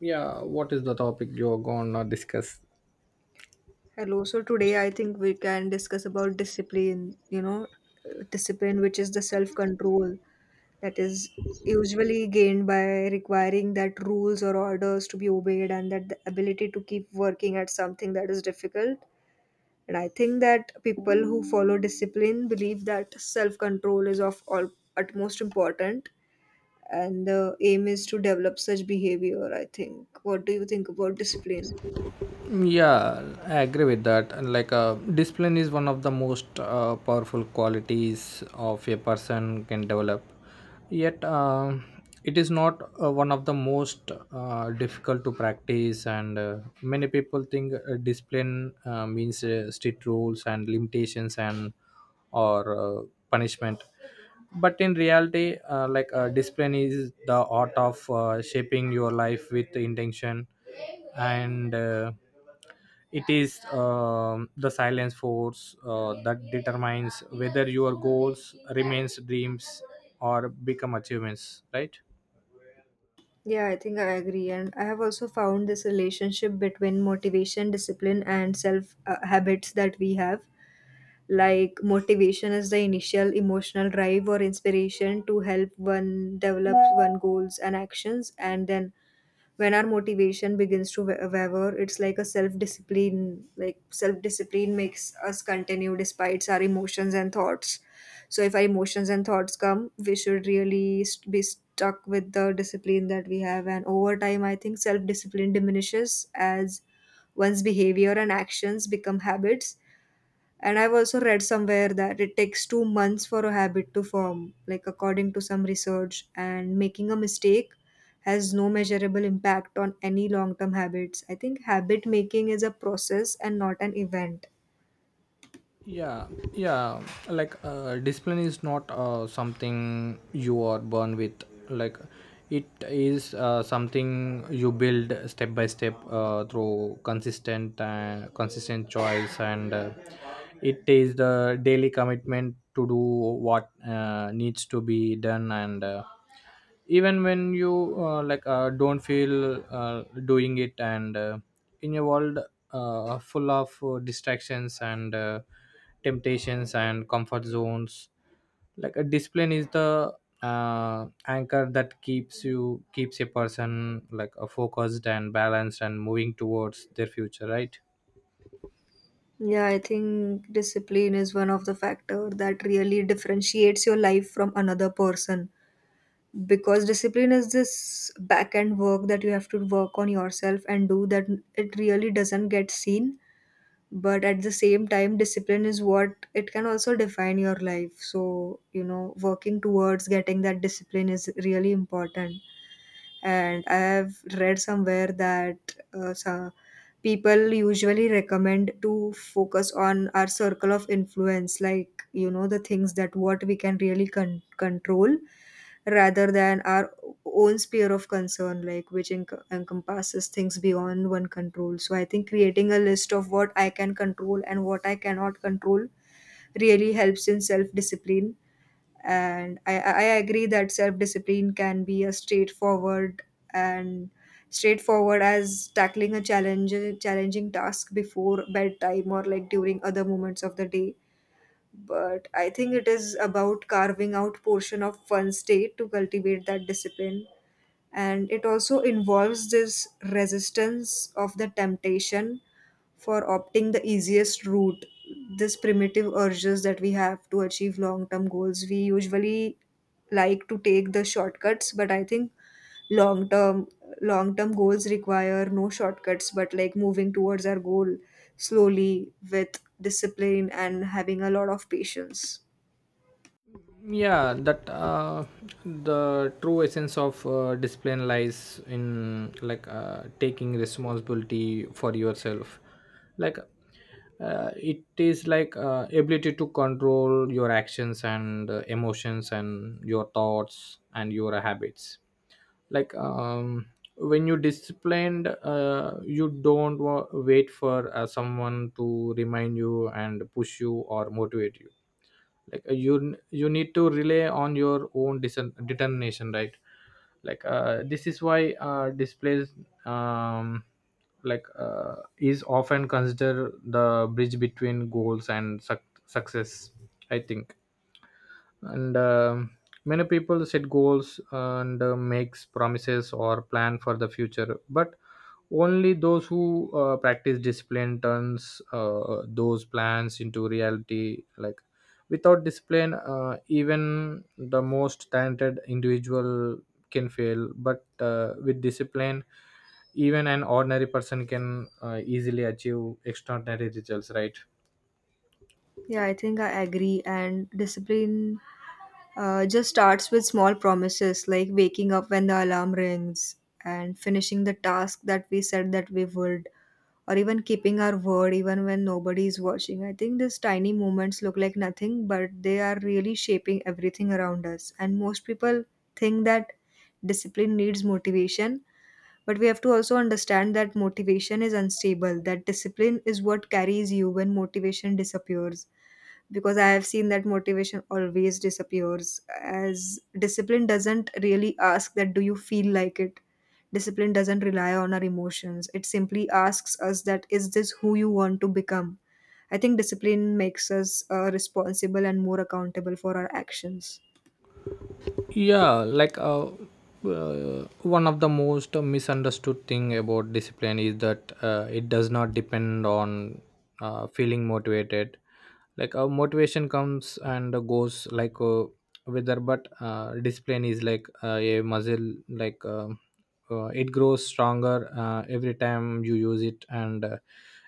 Yeah, what is the topic you're gonna discuss? Hello. So today I think we can discuss about discipline, you know, discipline, which is the self control that is usually gained by requiring that rules or orders to be obeyed and that the ability to keep working at something that is difficult. And I think that people who follow discipline believe that self control is of all utmost important and the aim is to develop such behavior, I think. What do you think about discipline? Yeah, I agree with that, and discipline is one of the most powerful qualities of a person can develop, yet it is not one of the most difficult to practice. And many people think discipline means strict rules and limitations and or punishment, but in reality, discipline is the art of shaping your life with intention. And it is, the silence force that determines whether your goals remains dreams or become achievements, right? Yeah, I think I agree. And I have also found this relationship between motivation, discipline, and self habits that we have. Like, motivation is the initial emotional drive or inspiration to help one develop one goals and actions, and then when our motivation begins to waver, it's like a self discipline. Like, self discipline makes us continue despite our emotions and thoughts. So if our emotions and thoughts come, we should really be stuck with the discipline that we have, and over time I think self discipline diminishes as one's behavior and actions become habits. And I've also read somewhere that it takes 2 months for a habit to form, like according to some research, and making a mistake has no measurable impact on any long term habits. I think habit making is a process and not an event. Yeah yeah Like, discipline is not something you are born with. Like, it is something you build step by step through consistent choice. And it is the daily commitment to do what needs to be done. And Even when you don't feel doing it. And In a world full of distractions and temptations and comfort zones, a discipline is the anchor that keeps a person focused and balanced and moving towards their future, right? Yeah, I think discipline is one of the factor that really differentiates your life from another person, because discipline is this back end work that you have to work on yourself and do that. It really doesn't get seen, but at the same time discipline is what it can also define your life, so working towards getting that discipline is really important. And I have read somewhere that some people usually recommend to focus on our circle of influence, like the things that what we can really control, rather than our own sphere of concern, like which encompasses things beyond one control. So I think creating a list of what I can control and what I cannot control really helps in self discipline. And I agree that self-discipline can be a and straightforward as tackling a challenge challenging task before bedtime or like during other moments of the day, but I think it is about carving out portion of one's day to cultivate that discipline. And it also involves this resistance of the temptation for opting the easiest route, this primitive urges that we have to achieve long term goals. We usually like to take the shortcuts, but I think long term long term goals require no shortcuts, but like moving towards our goal slowly with discipline and having a lot of patience. Yeah, that the true essence of discipline lies in taking responsibility for yourself. Like, it is like ability to control your actions and emotions and your thoughts and your habits. Like um, when you disciplined, you don't wait for someone to remind you and push you or motivate you. Like, you need to rely on your own determination, right? Like, this is why displays, um, is often considered the bridge between goals and success, I think. And Many people set goals and makes promises or plan for the future, but only those who practice discipline turns those plans into reality. Like, without discipline, even the most talented individual can fail, but with discipline, even an ordinary person can easily achieve extraordinary results, right? Yeah, I think I agree. And discipline just starts with small promises like waking up when the alarm rings and finishing the task that we said that we would, or even keeping our word even when nobody is watching. I think these tiny moments look like nothing, but they are really shaping everything around us. And most people think that discipline needs motivation, but we have to also understand that motivation is unstable, that discipline is what carries you when motivation disappears. Because I have seen that motivation always disappears, as discipline doesn't really ask that do you feel like it. Discipline doesn't rely on our emotions, it simply asks us that is this who you want to become. I think discipline makes us responsible and more accountable for our actions. Yeah, one of the most misunderstood thing about discipline is that it does not depend on feeling motivated. Like, motivation comes and goes like weather, but discipline is like a muscle. Like, it grows stronger every time you use it. And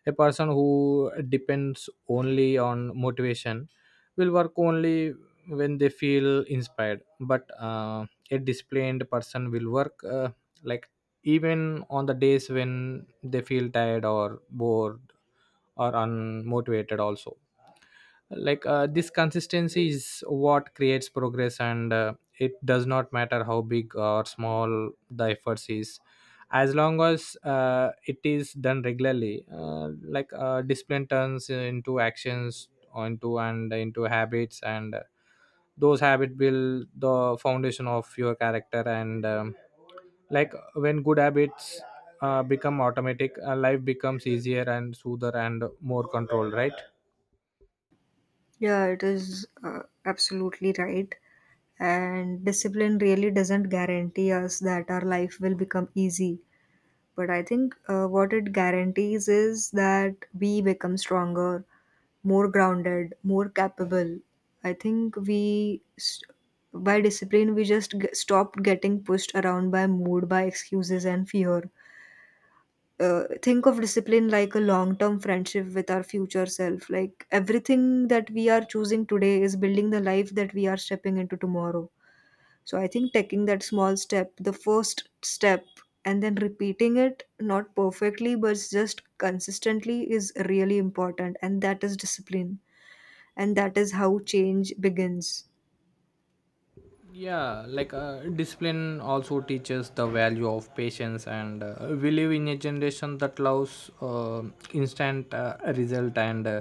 a person who depends only on motivation will work only when they feel inspired. But a disciplined person will work, like even on the days when they feel tired or bored or unmotivated also. Like, this consistency is what creates progress, and it does not matter how big or small the efforts is, as long as it is done regularly. Discipline turns into actions onto and into habits, and those habits build the foundation of your character. And like When good habits become automatic, life becomes easier and smoother and more controlled, right? Yeah, it is absolutely right. And discipline really doesn't guarantee us that our life will become easy. But I think what it guarantees is that we become stronger, more grounded, more capable. I think by discipline, we just stop getting pushed around by mood, by excuses and fear. Think of discipline like a long term friendship with our future self. Like everything that we are choosing today is building the life that we are stepping into tomorrow. So I think taking that small step, the first step, and then repeating it, not perfectly, but just consistently, is really important. And that is discipline. And that is how change begins. Yeah, discipline also teaches the value of patience. And we live in a generation that loves instant result and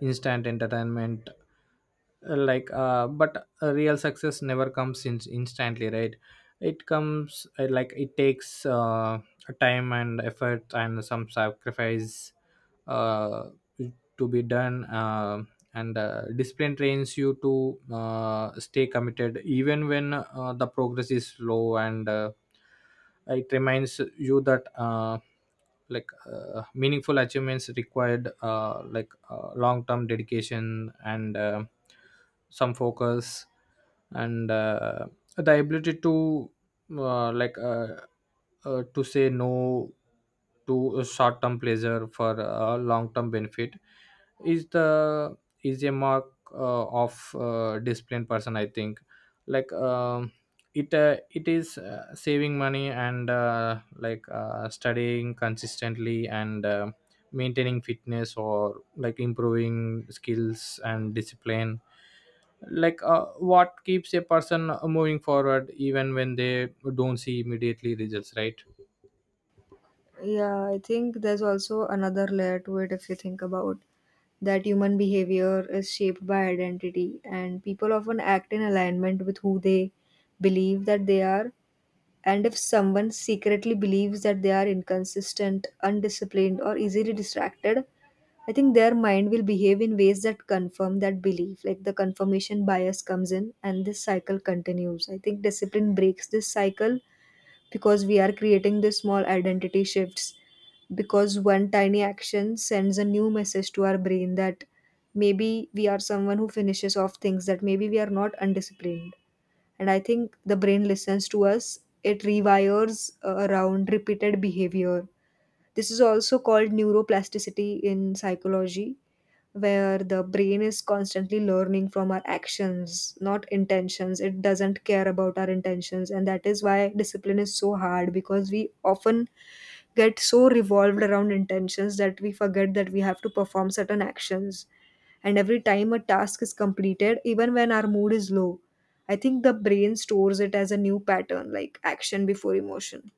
instant entertainment. Like but Real success never comes in instantly, right? It comes, it takes time and effort and some sacrifice uh, to be done. And discipline trains you to stay committed even when the progress is slow. And it reminds you that, meaningful achievements required long term dedication and some focus and the ability to uh, like uh, to say no to short term pleasure for long term benefit is the is a mark of disciplined person, I think. like um, it is saving money and studying consistently and maintaining fitness or like improving skills and discipline what keeps a person moving forward even when they don't see immediately results, right? Yeah, I think there's also another layer to it if you think about that human behavior is shaped by identity, and people often act in alignment with who they believe that they are. And if someone secretly believes that they are inconsistent, undisciplined, or easily distracted, I think their mind will behave in ways that confirm that belief. Like the confirmation bias comes in, and this cycle continues. I think discipline breaks this cycle because we are creating these small identity shifts, because one tiny action sends a new message to our brain that maybe we are someone who finishes off things, that maybe we are not undisciplined. And I think the brain listens to us, it rewires around repeated behavior. This is also called neuroplasticity in psychology, where the brain is constantly learning from our actions, not intentions. It doesn't care about our intentions, and that is why discipline is so hard, because we often get so revolved around intentions that we forget that we have to perform certain actions. And every time a task is completed, even when our mood is low, I think the brain stores it as a new pattern, like action before emotion.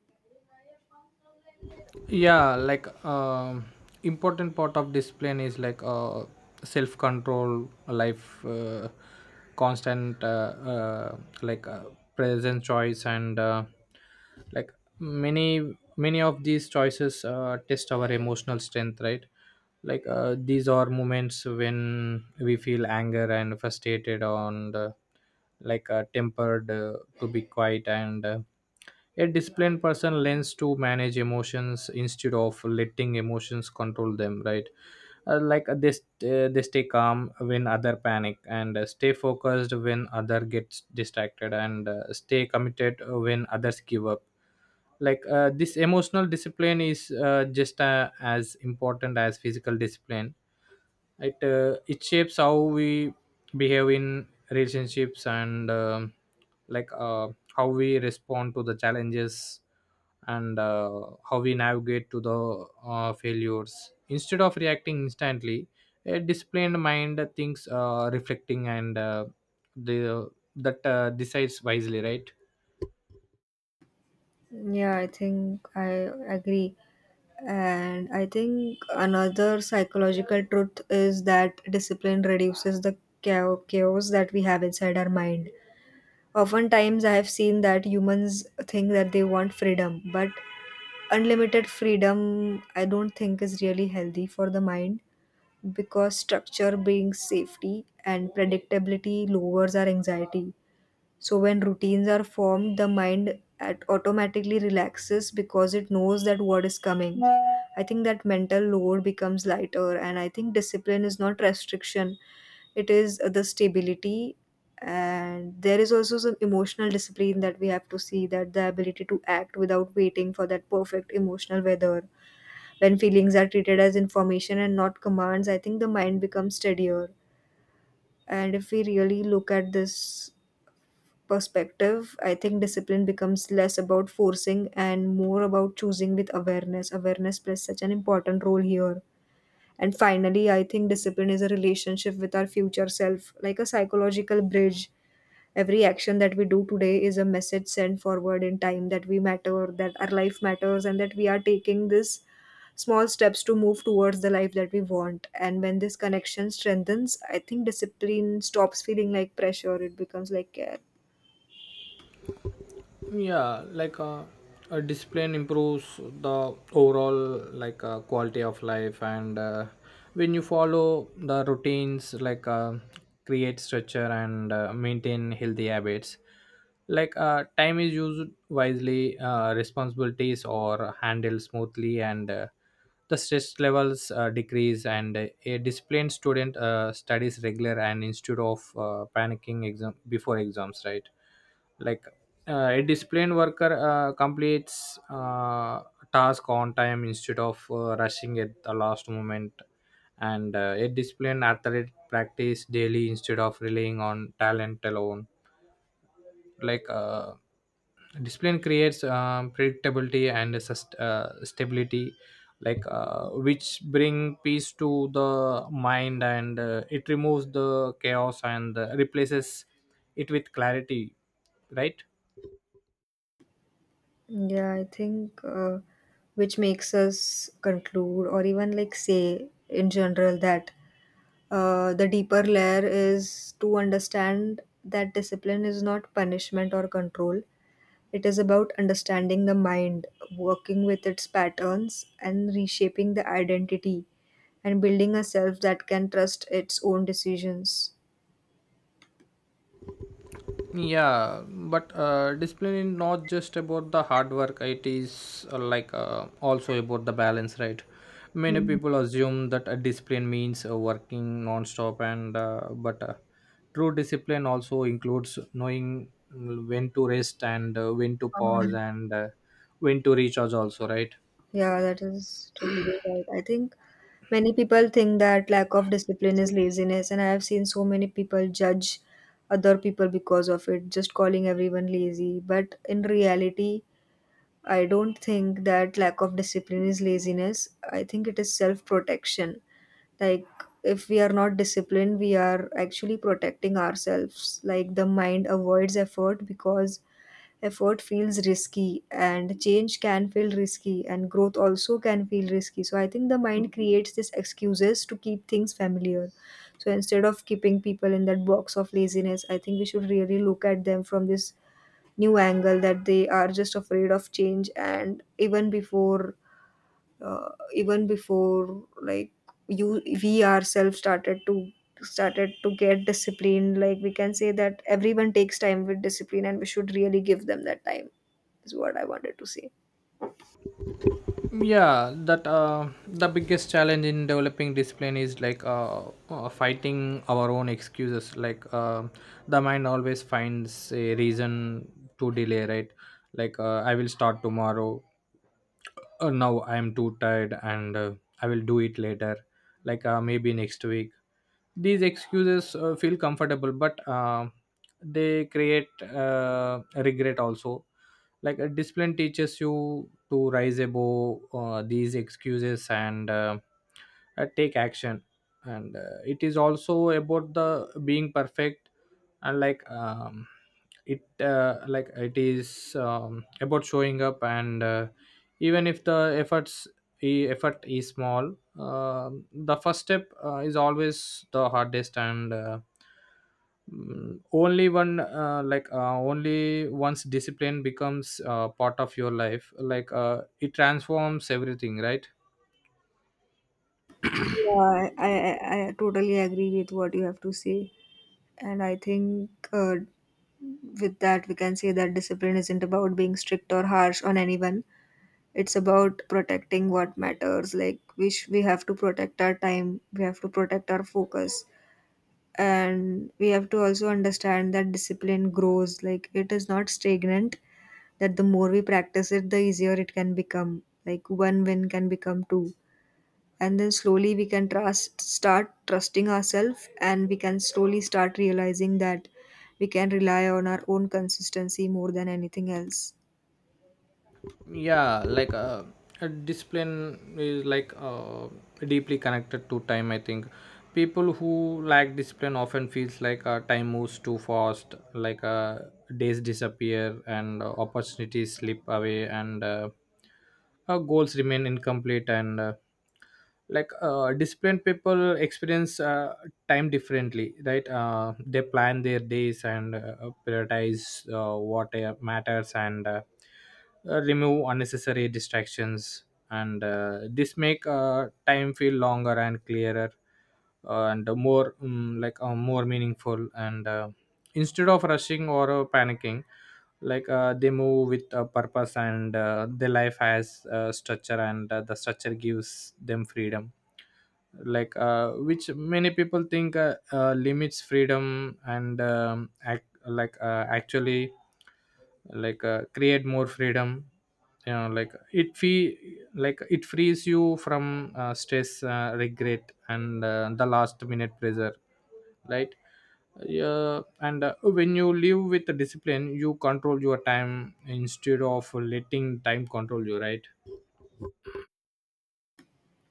Yeah, important part of discipline is like self control life, constant like present choice. And like many many of these choices test our emotional strength, right? Like, these are moments when we feel anger and frustrated on the, tempered to be quiet. And a disciplined person learns to manage emotions instead of letting emotions control them, right? They stay calm when other panic, and stay focused when other gets distracted, and stay committed when others give up. Like, this emotional discipline is, just as important as physical discipline. It shapes how we behave in relationships. And um like uh, how we respond to the challenges. And how we navigate to the failures. Instead of reacting instantly, a disciplined mind thinks, reflecting, and the that decides wisely, right? Yeah, I think I agree. And I think another psychological truth is that discipline reduces the chaos that we have inside our mind. Oftentimes, I have seen that humans think that they want freedom, but unlimited freedom, I don't think, is really healthy for the mind, because structure brings safety and predictability lowers our anxiety. So when routines are formed, the mind at automatically relaxes because it knows that what is coming. I think that mental load becomes lighter, and I think discipline is not restriction; it is the stability. And there is also some emotional discipline that we have to see, that the ability to act without waiting for that perfect emotional weather. When feelings are treated as information and not commands, I think the mind becomes steadier. And if we really look at this perspective, I think discipline becomes less about forcing and more about choosing with awareness. Awareness plays such an important role here. And finally, I think discipline is a relationship with our future self, like a psychological bridge. Every action that we do today is a message sent forward in time, that we matter, that our life matters, and that we are taking this small steps to move towards the life that we want. And when this connection strengthens, I think discipline stops feeling like pressure, it becomes like care. Yeah, a discipline improves the overall quality of life. And when you follow the routines, create structure, and maintain healthy habits, time is used wisely, responsibilities are handled smoothly, and the stress levels decrease. And a disciplined student studies regular and instead of panicking exam before exams, right? Like, a disciplined worker completes task on time instead of rushing at the last moment. And a disciplined athlete practice daily instead of relying on talent alone. Like, discipline creates predictability and stability, which bring peace to the mind. And it removes the chaos and replaces it with clarity, right? Yeah, I think which makes us conclude or even like say in general that the deeper layer is to understand that discipline is not punishment or control. It is about understanding the mind, working with its patterns, and reshaping the identity and building a self that can trust its own decisions. Yeah, but discipline is not just about the hard work. It is, also about the balance, right? Many people assume that a discipline means working non-stop, and but true discipline also includes knowing when to rest and when to pause Um, and when to recharge also, right? Yeah, that is totally right. I think many people think that lack of discipline is laziness, and I have seen so many people judge other people because of it, just calling everyone lazy. But in reality, I don't think that lack of discipline is laziness. I think it is self protection. Like, if we are not disciplined, we are actually protecting ourselves. Like, the mind avoids effort, because effort feels risky and change can feel risky and growth also can feel risky. So I think the mind creates these excuses to keep things familiar. So instead of keeping people in that box of laziness, I think we should really look at them from this new angle, that they are just afraid of change. And even before uh, even before like you we ourselves started to get disciplined, like, we can say that everyone takes time with discipline and we should really give them that time, is what I wanted to say. yeah that the biggest challenge in developing discipline is fighting our own excuses. Like, the mind always finds a reason to delay, right? Like, I will start tomorrow, now I am too tired, and I will do it later, maybe next week. These excuses feel comfortable, but they create regret also. Like, a discipline teaches you to rise above these excuses, and take action. And it is also about the being perfect. And like it like it is About showing up. And even if the effort is small, the first step is always the hardest. And mm, only one like only once discipline becomes part of your life, it transforms everything, right? Yeah, I totally agree with what you have to say. And I think with that, we can say that discipline isn't about being strict or harsh on anyone. It's about protecting what matters. Like, we have to protect our time, we have to protect our focus, and we have to also understand that discipline grows, like it is not stagnant, that the more we practice it the easier it can become. Like one win can become two, and then slowly we can trust start trusting ourselves, and we can slowly start realizing that we can rely on our own consistency more than anything else. Yeah, a discipline is deeply connected to time, I think. People who lack discipline often feels like time moves too fast. Like, days disappear, and opportunities slip away, and our goals remain incomplete. And disciplined people experience time differently, right? They plan their days, and prioritize what matters, and remove unnecessary distractions. And this make time feel longer and clearer, and more, more meaningful. And instead of rushing or panicking, they move with a purpose, and their life has structure, and the structure gives them freedom, which many people think limits freedom, and actually create more freedom. It frees you from stress, regret, and the last minute pressure, right? Yeah. And when you live with the discipline, you control your time instead of letting time control you, right?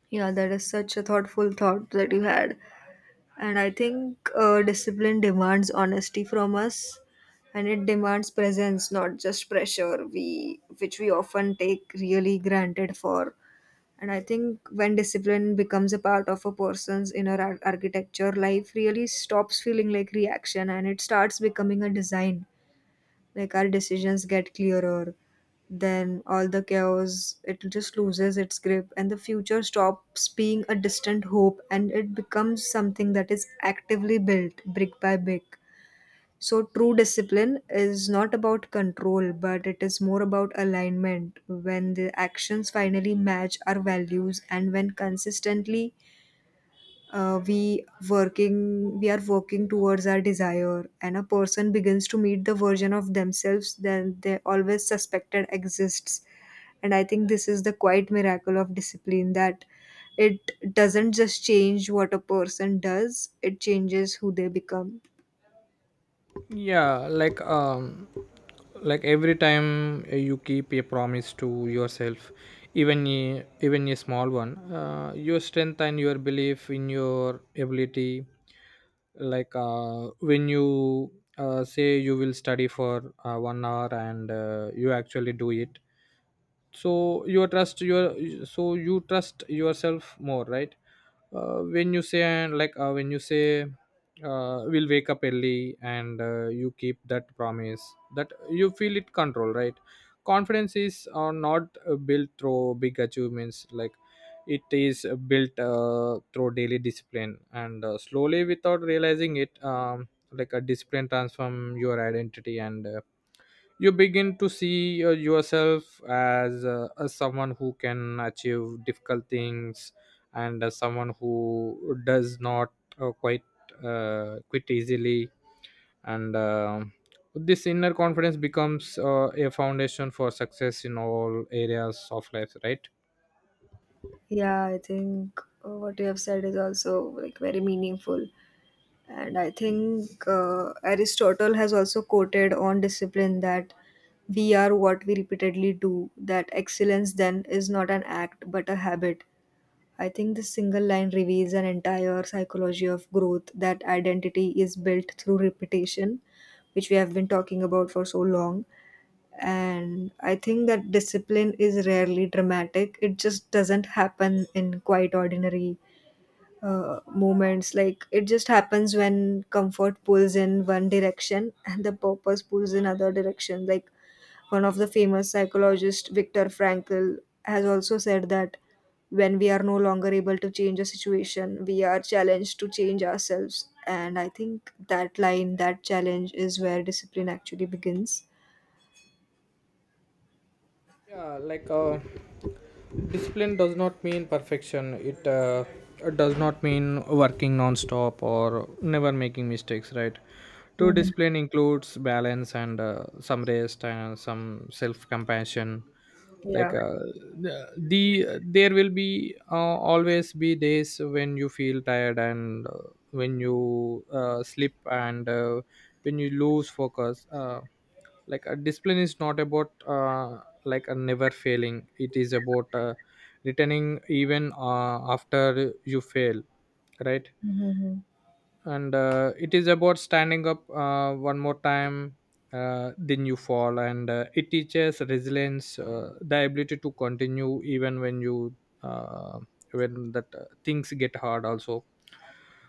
Yeah, that is such a thoughtful thought that you had. And I think discipline demands honesty from us, and it demands presence, not just pressure. Which we often take really granted for. And I think when discipline becomes a part of a person's inner architecture, life really stops feeling like reaction, and it starts becoming a design, like our decisions get clearer, then all the chaos, it just loses its grip, and the future stops being a distant hope and it becomes something that is actively built brick by brick. So true discipline is not about control, but it is more about alignment, when the actions finally match our values and when consistently, we are working towards our desire, and a person begins to meet the version of themselves that they always suspected exists. And I think this is the quite miracle of discipline, that it doesn't just change what a person does, it changes who they become. Yeah, like every time you keep a promise to yourself, even a small one, your strength and your belief in your ability. Like, when you say you will study for 1 hour, and you actually do it, so you trust your so you trust yourself more, right? When you say we'll wake up early, and you keep that promise, that you feel it control, right? Confidence is not built through big achievements. It is built through daily discipline. And slowly, without realizing it, a discipline transform your identity. And you begin to see yourself as someone who can achieve difficult things, and as someone who does not uh, quite quit easily. And this inner confidence becomes a foundation for success in all areas of life, right? Yeah, I think what you have said is also like very meaningful. And I think Aristotle has also quoted on discipline that we are what we repeatedly do, that excellence then is not an act but a habit. I think this single line reveals an entire psychology of growth, that identity is built through repetition, which we have been talking about for so long. And I think that discipline is rarely dramatic, it just doesn't happen in quite ordinary moments. Like it just happens when comfort pulls in one direction and the purpose pulls in other direction. Like one of the famous psychologist, Viktor Frankl, has also said that when we are no longer able to change a situation, we are challenged to change ourselves. And I think that line, that challenge, is where discipline actually begins. Yeah, discipline does not mean perfection. It does not mean working non-stop or never making mistakes, right? True Mhm. discipline includes balance and some rest and some self-compassion. Yeah. Like uh, the the- there will be always be days when you feel tired, and when you slip, and when you lose focus. A discipline is not about, a never failing. It is about returning, even after you fail, right? And it is about standing up one more time then you fall. And it teaches resilience, the ability to continue even when you, uh, when that things get hard also.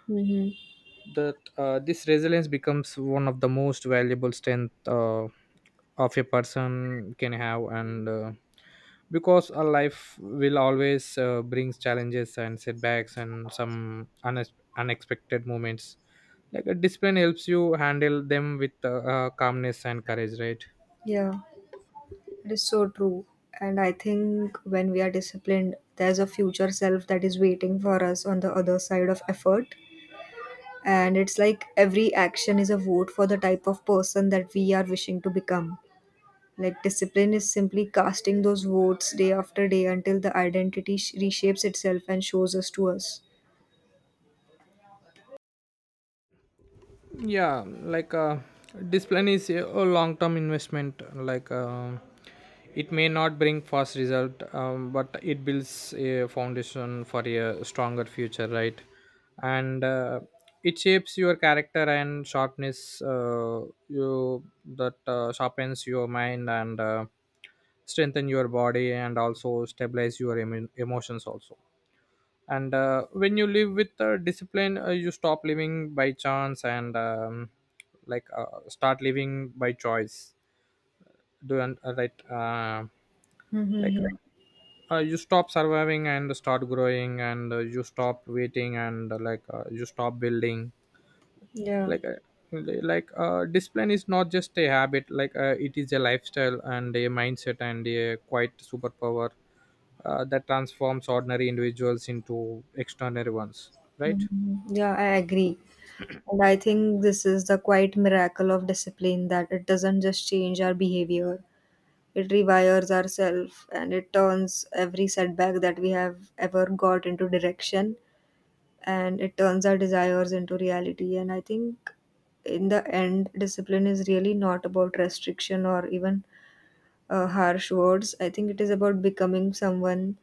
Hmm. That This resilience becomes one of the most valuable strength of a person can have. And because a life will always brings challenges and setbacks and some unexpected moments, a discipline helps you handle them with calmness and courage, right? Yeah. It is so true. And I think when we are disciplined, there's a future self that is waiting for us on the other side of effort. And it's like every action is a vote for the type of person that we are wishing to become. Like discipline is simply casting those votes day after day until the identity reshapes itself and shows us to us. Yeah, discipline is a long term investment. Like, it may not bring fast result, but it builds a foundation for a stronger future, right? And it shapes your character and sharpness, you that sharpens your mind, and strengthen your body, and also stabilize your emotions also. And when you live with discipline, you stop living by chance, and start living by choice. Right. Like Mm-hmm. You stop surviving and start growing, and you stop waiting, and you stop building. Yeah. Like uh, like uh, discipline is not just a habit. Like, it is a lifestyle and a mindset and a quite superpower that transforms ordinary individuals into extraordinary ones, right? Mhm. Yeah, I agree. And I think this is the quite miracle of discipline, that it doesn't just change our behavior, it rewires ourselves and it turns every setback that we have ever got into direction, and it turns our desires into reality. And I think in the end, discipline is really not about restriction or even harsh words. I think it is about becoming someone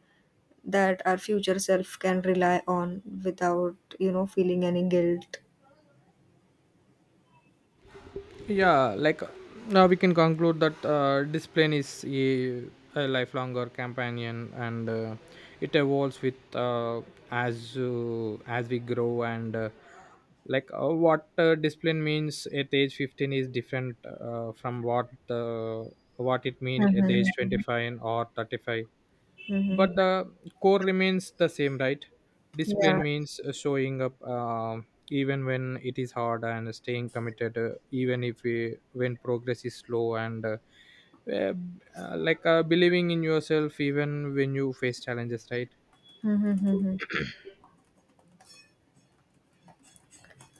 that our future self can rely on without, you know, feeling any guilt. Yeah, like now we can conclude that discipline is a lifelong or companion. And it evolves with as we grow. And. Like What discipline means at age 15 is different from what it means at the age Mm-hmm. 25 and or 35. Mm-hmm. But the core remains the same, right? Yeah. Discipline means showing up, even when it is hard, and staying committed even if we when progress is slow, and uh, believing in yourself even when you face challenges, right? Mm-hmm. Mm-hmm.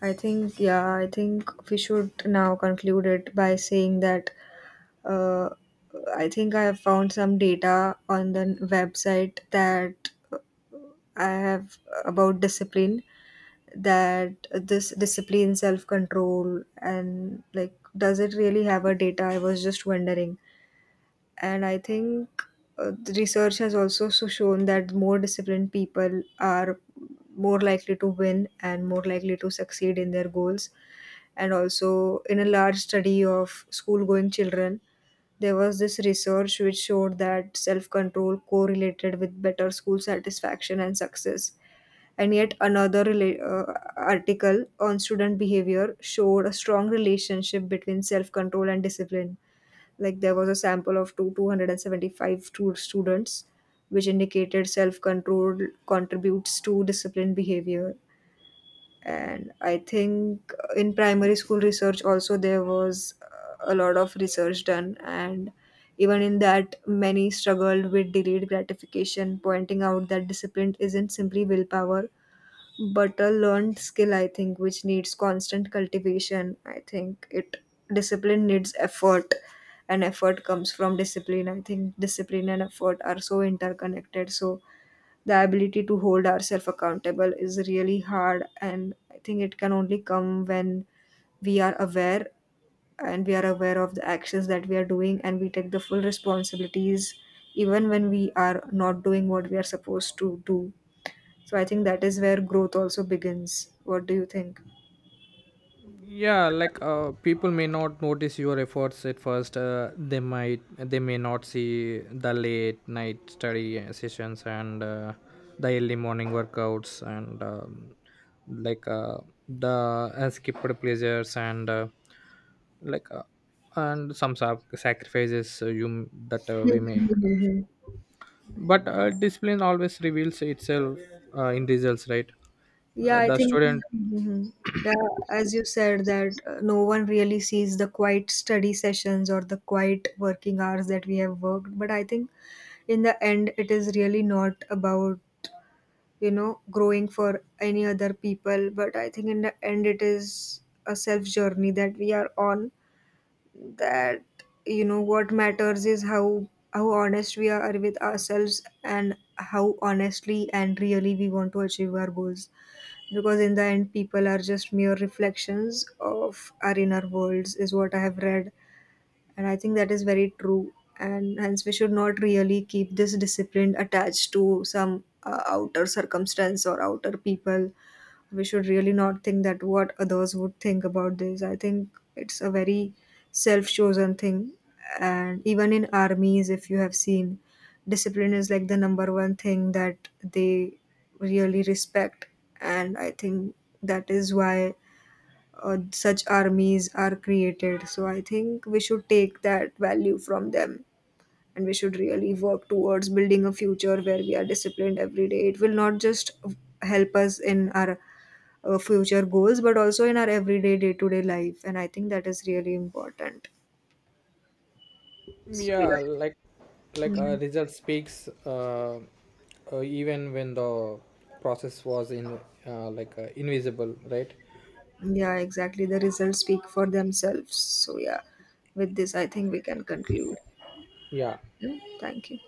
I think, yeah, I think we should now conclude it by saying that, uh, I think I have found some data on the website that, I have, about discipline, that this discipline, self control, and like, does it really have a data? I was just wondering. And I think the research has also so shown that more disciplined people are more likely to win and more likely to succeed in their goals. And also, in a large study of school going children, there was this research which showed that self control correlated with better school satisfaction and success. And yet, another article on student behavior showed a strong relationship between self control and discipline, like there was a sample of two 275 students, which indicated self control contributes to disciplined behavior. And I think in primary school research also there was a lot of research done, and even in that, many struggled with delayed gratification, pointing out that discipline isn't simply willpower but a learned skill, I think, which needs constant cultivation. I think it, discipline needs effort, and effort comes from discipline. I think discipline and effort are so interconnected. So the ability to hold ourselves accountable is really hard, and I think it can only come when we are aware, and we are aware of the actions that we are doing and we take the full responsibilities even when we are not doing what we are supposed to do. So I think that is where growth also begins. What do you think? Yeah, people may not notice your efforts at first. They may not see the late night study sessions, and the early morning workouts, and like the skipped pleasures, and like uh, some sacrifices you m- that we make. Mhm. But discipline always reveals itself in results, right? Yeah, uh, I the think, student mhm, yeah, as you said, that no one really sees the quiet study sessions or the quiet working hours that we have worked. But I think in the end, it is really not about, you know, growing for any other people. But I think in the end, it is a self journey that we are on, that, you know, what matters is how honest we are with ourselves and how honestly and really we want to achieve our goals, because in the end people are just mere reflections of our inner worlds, is what I have read. And I think that is very true. And hence we should not really keep this discipline attached to some outer circumstance or outer people. We should really not think that what others would think about this. I think it's a very self chosen thing. And even in armies, if you have seen, discipline is like the number one thing that they really respect. And I think that is why such armies are created. So I think we should take that value from them. And we should really work towards building a future where we are disciplined every day. It will not just help us in our future goals, but also in our everyday, day to day life. And I think that is really important. So, yeah. yeah like Yeah. like a Mm. result speaks, even when the process was in like invisible, right? Yeah, exactly. The results speak for themselves. So, yeah, with this, I think we can conclude. Yeah. Yeah, thank you.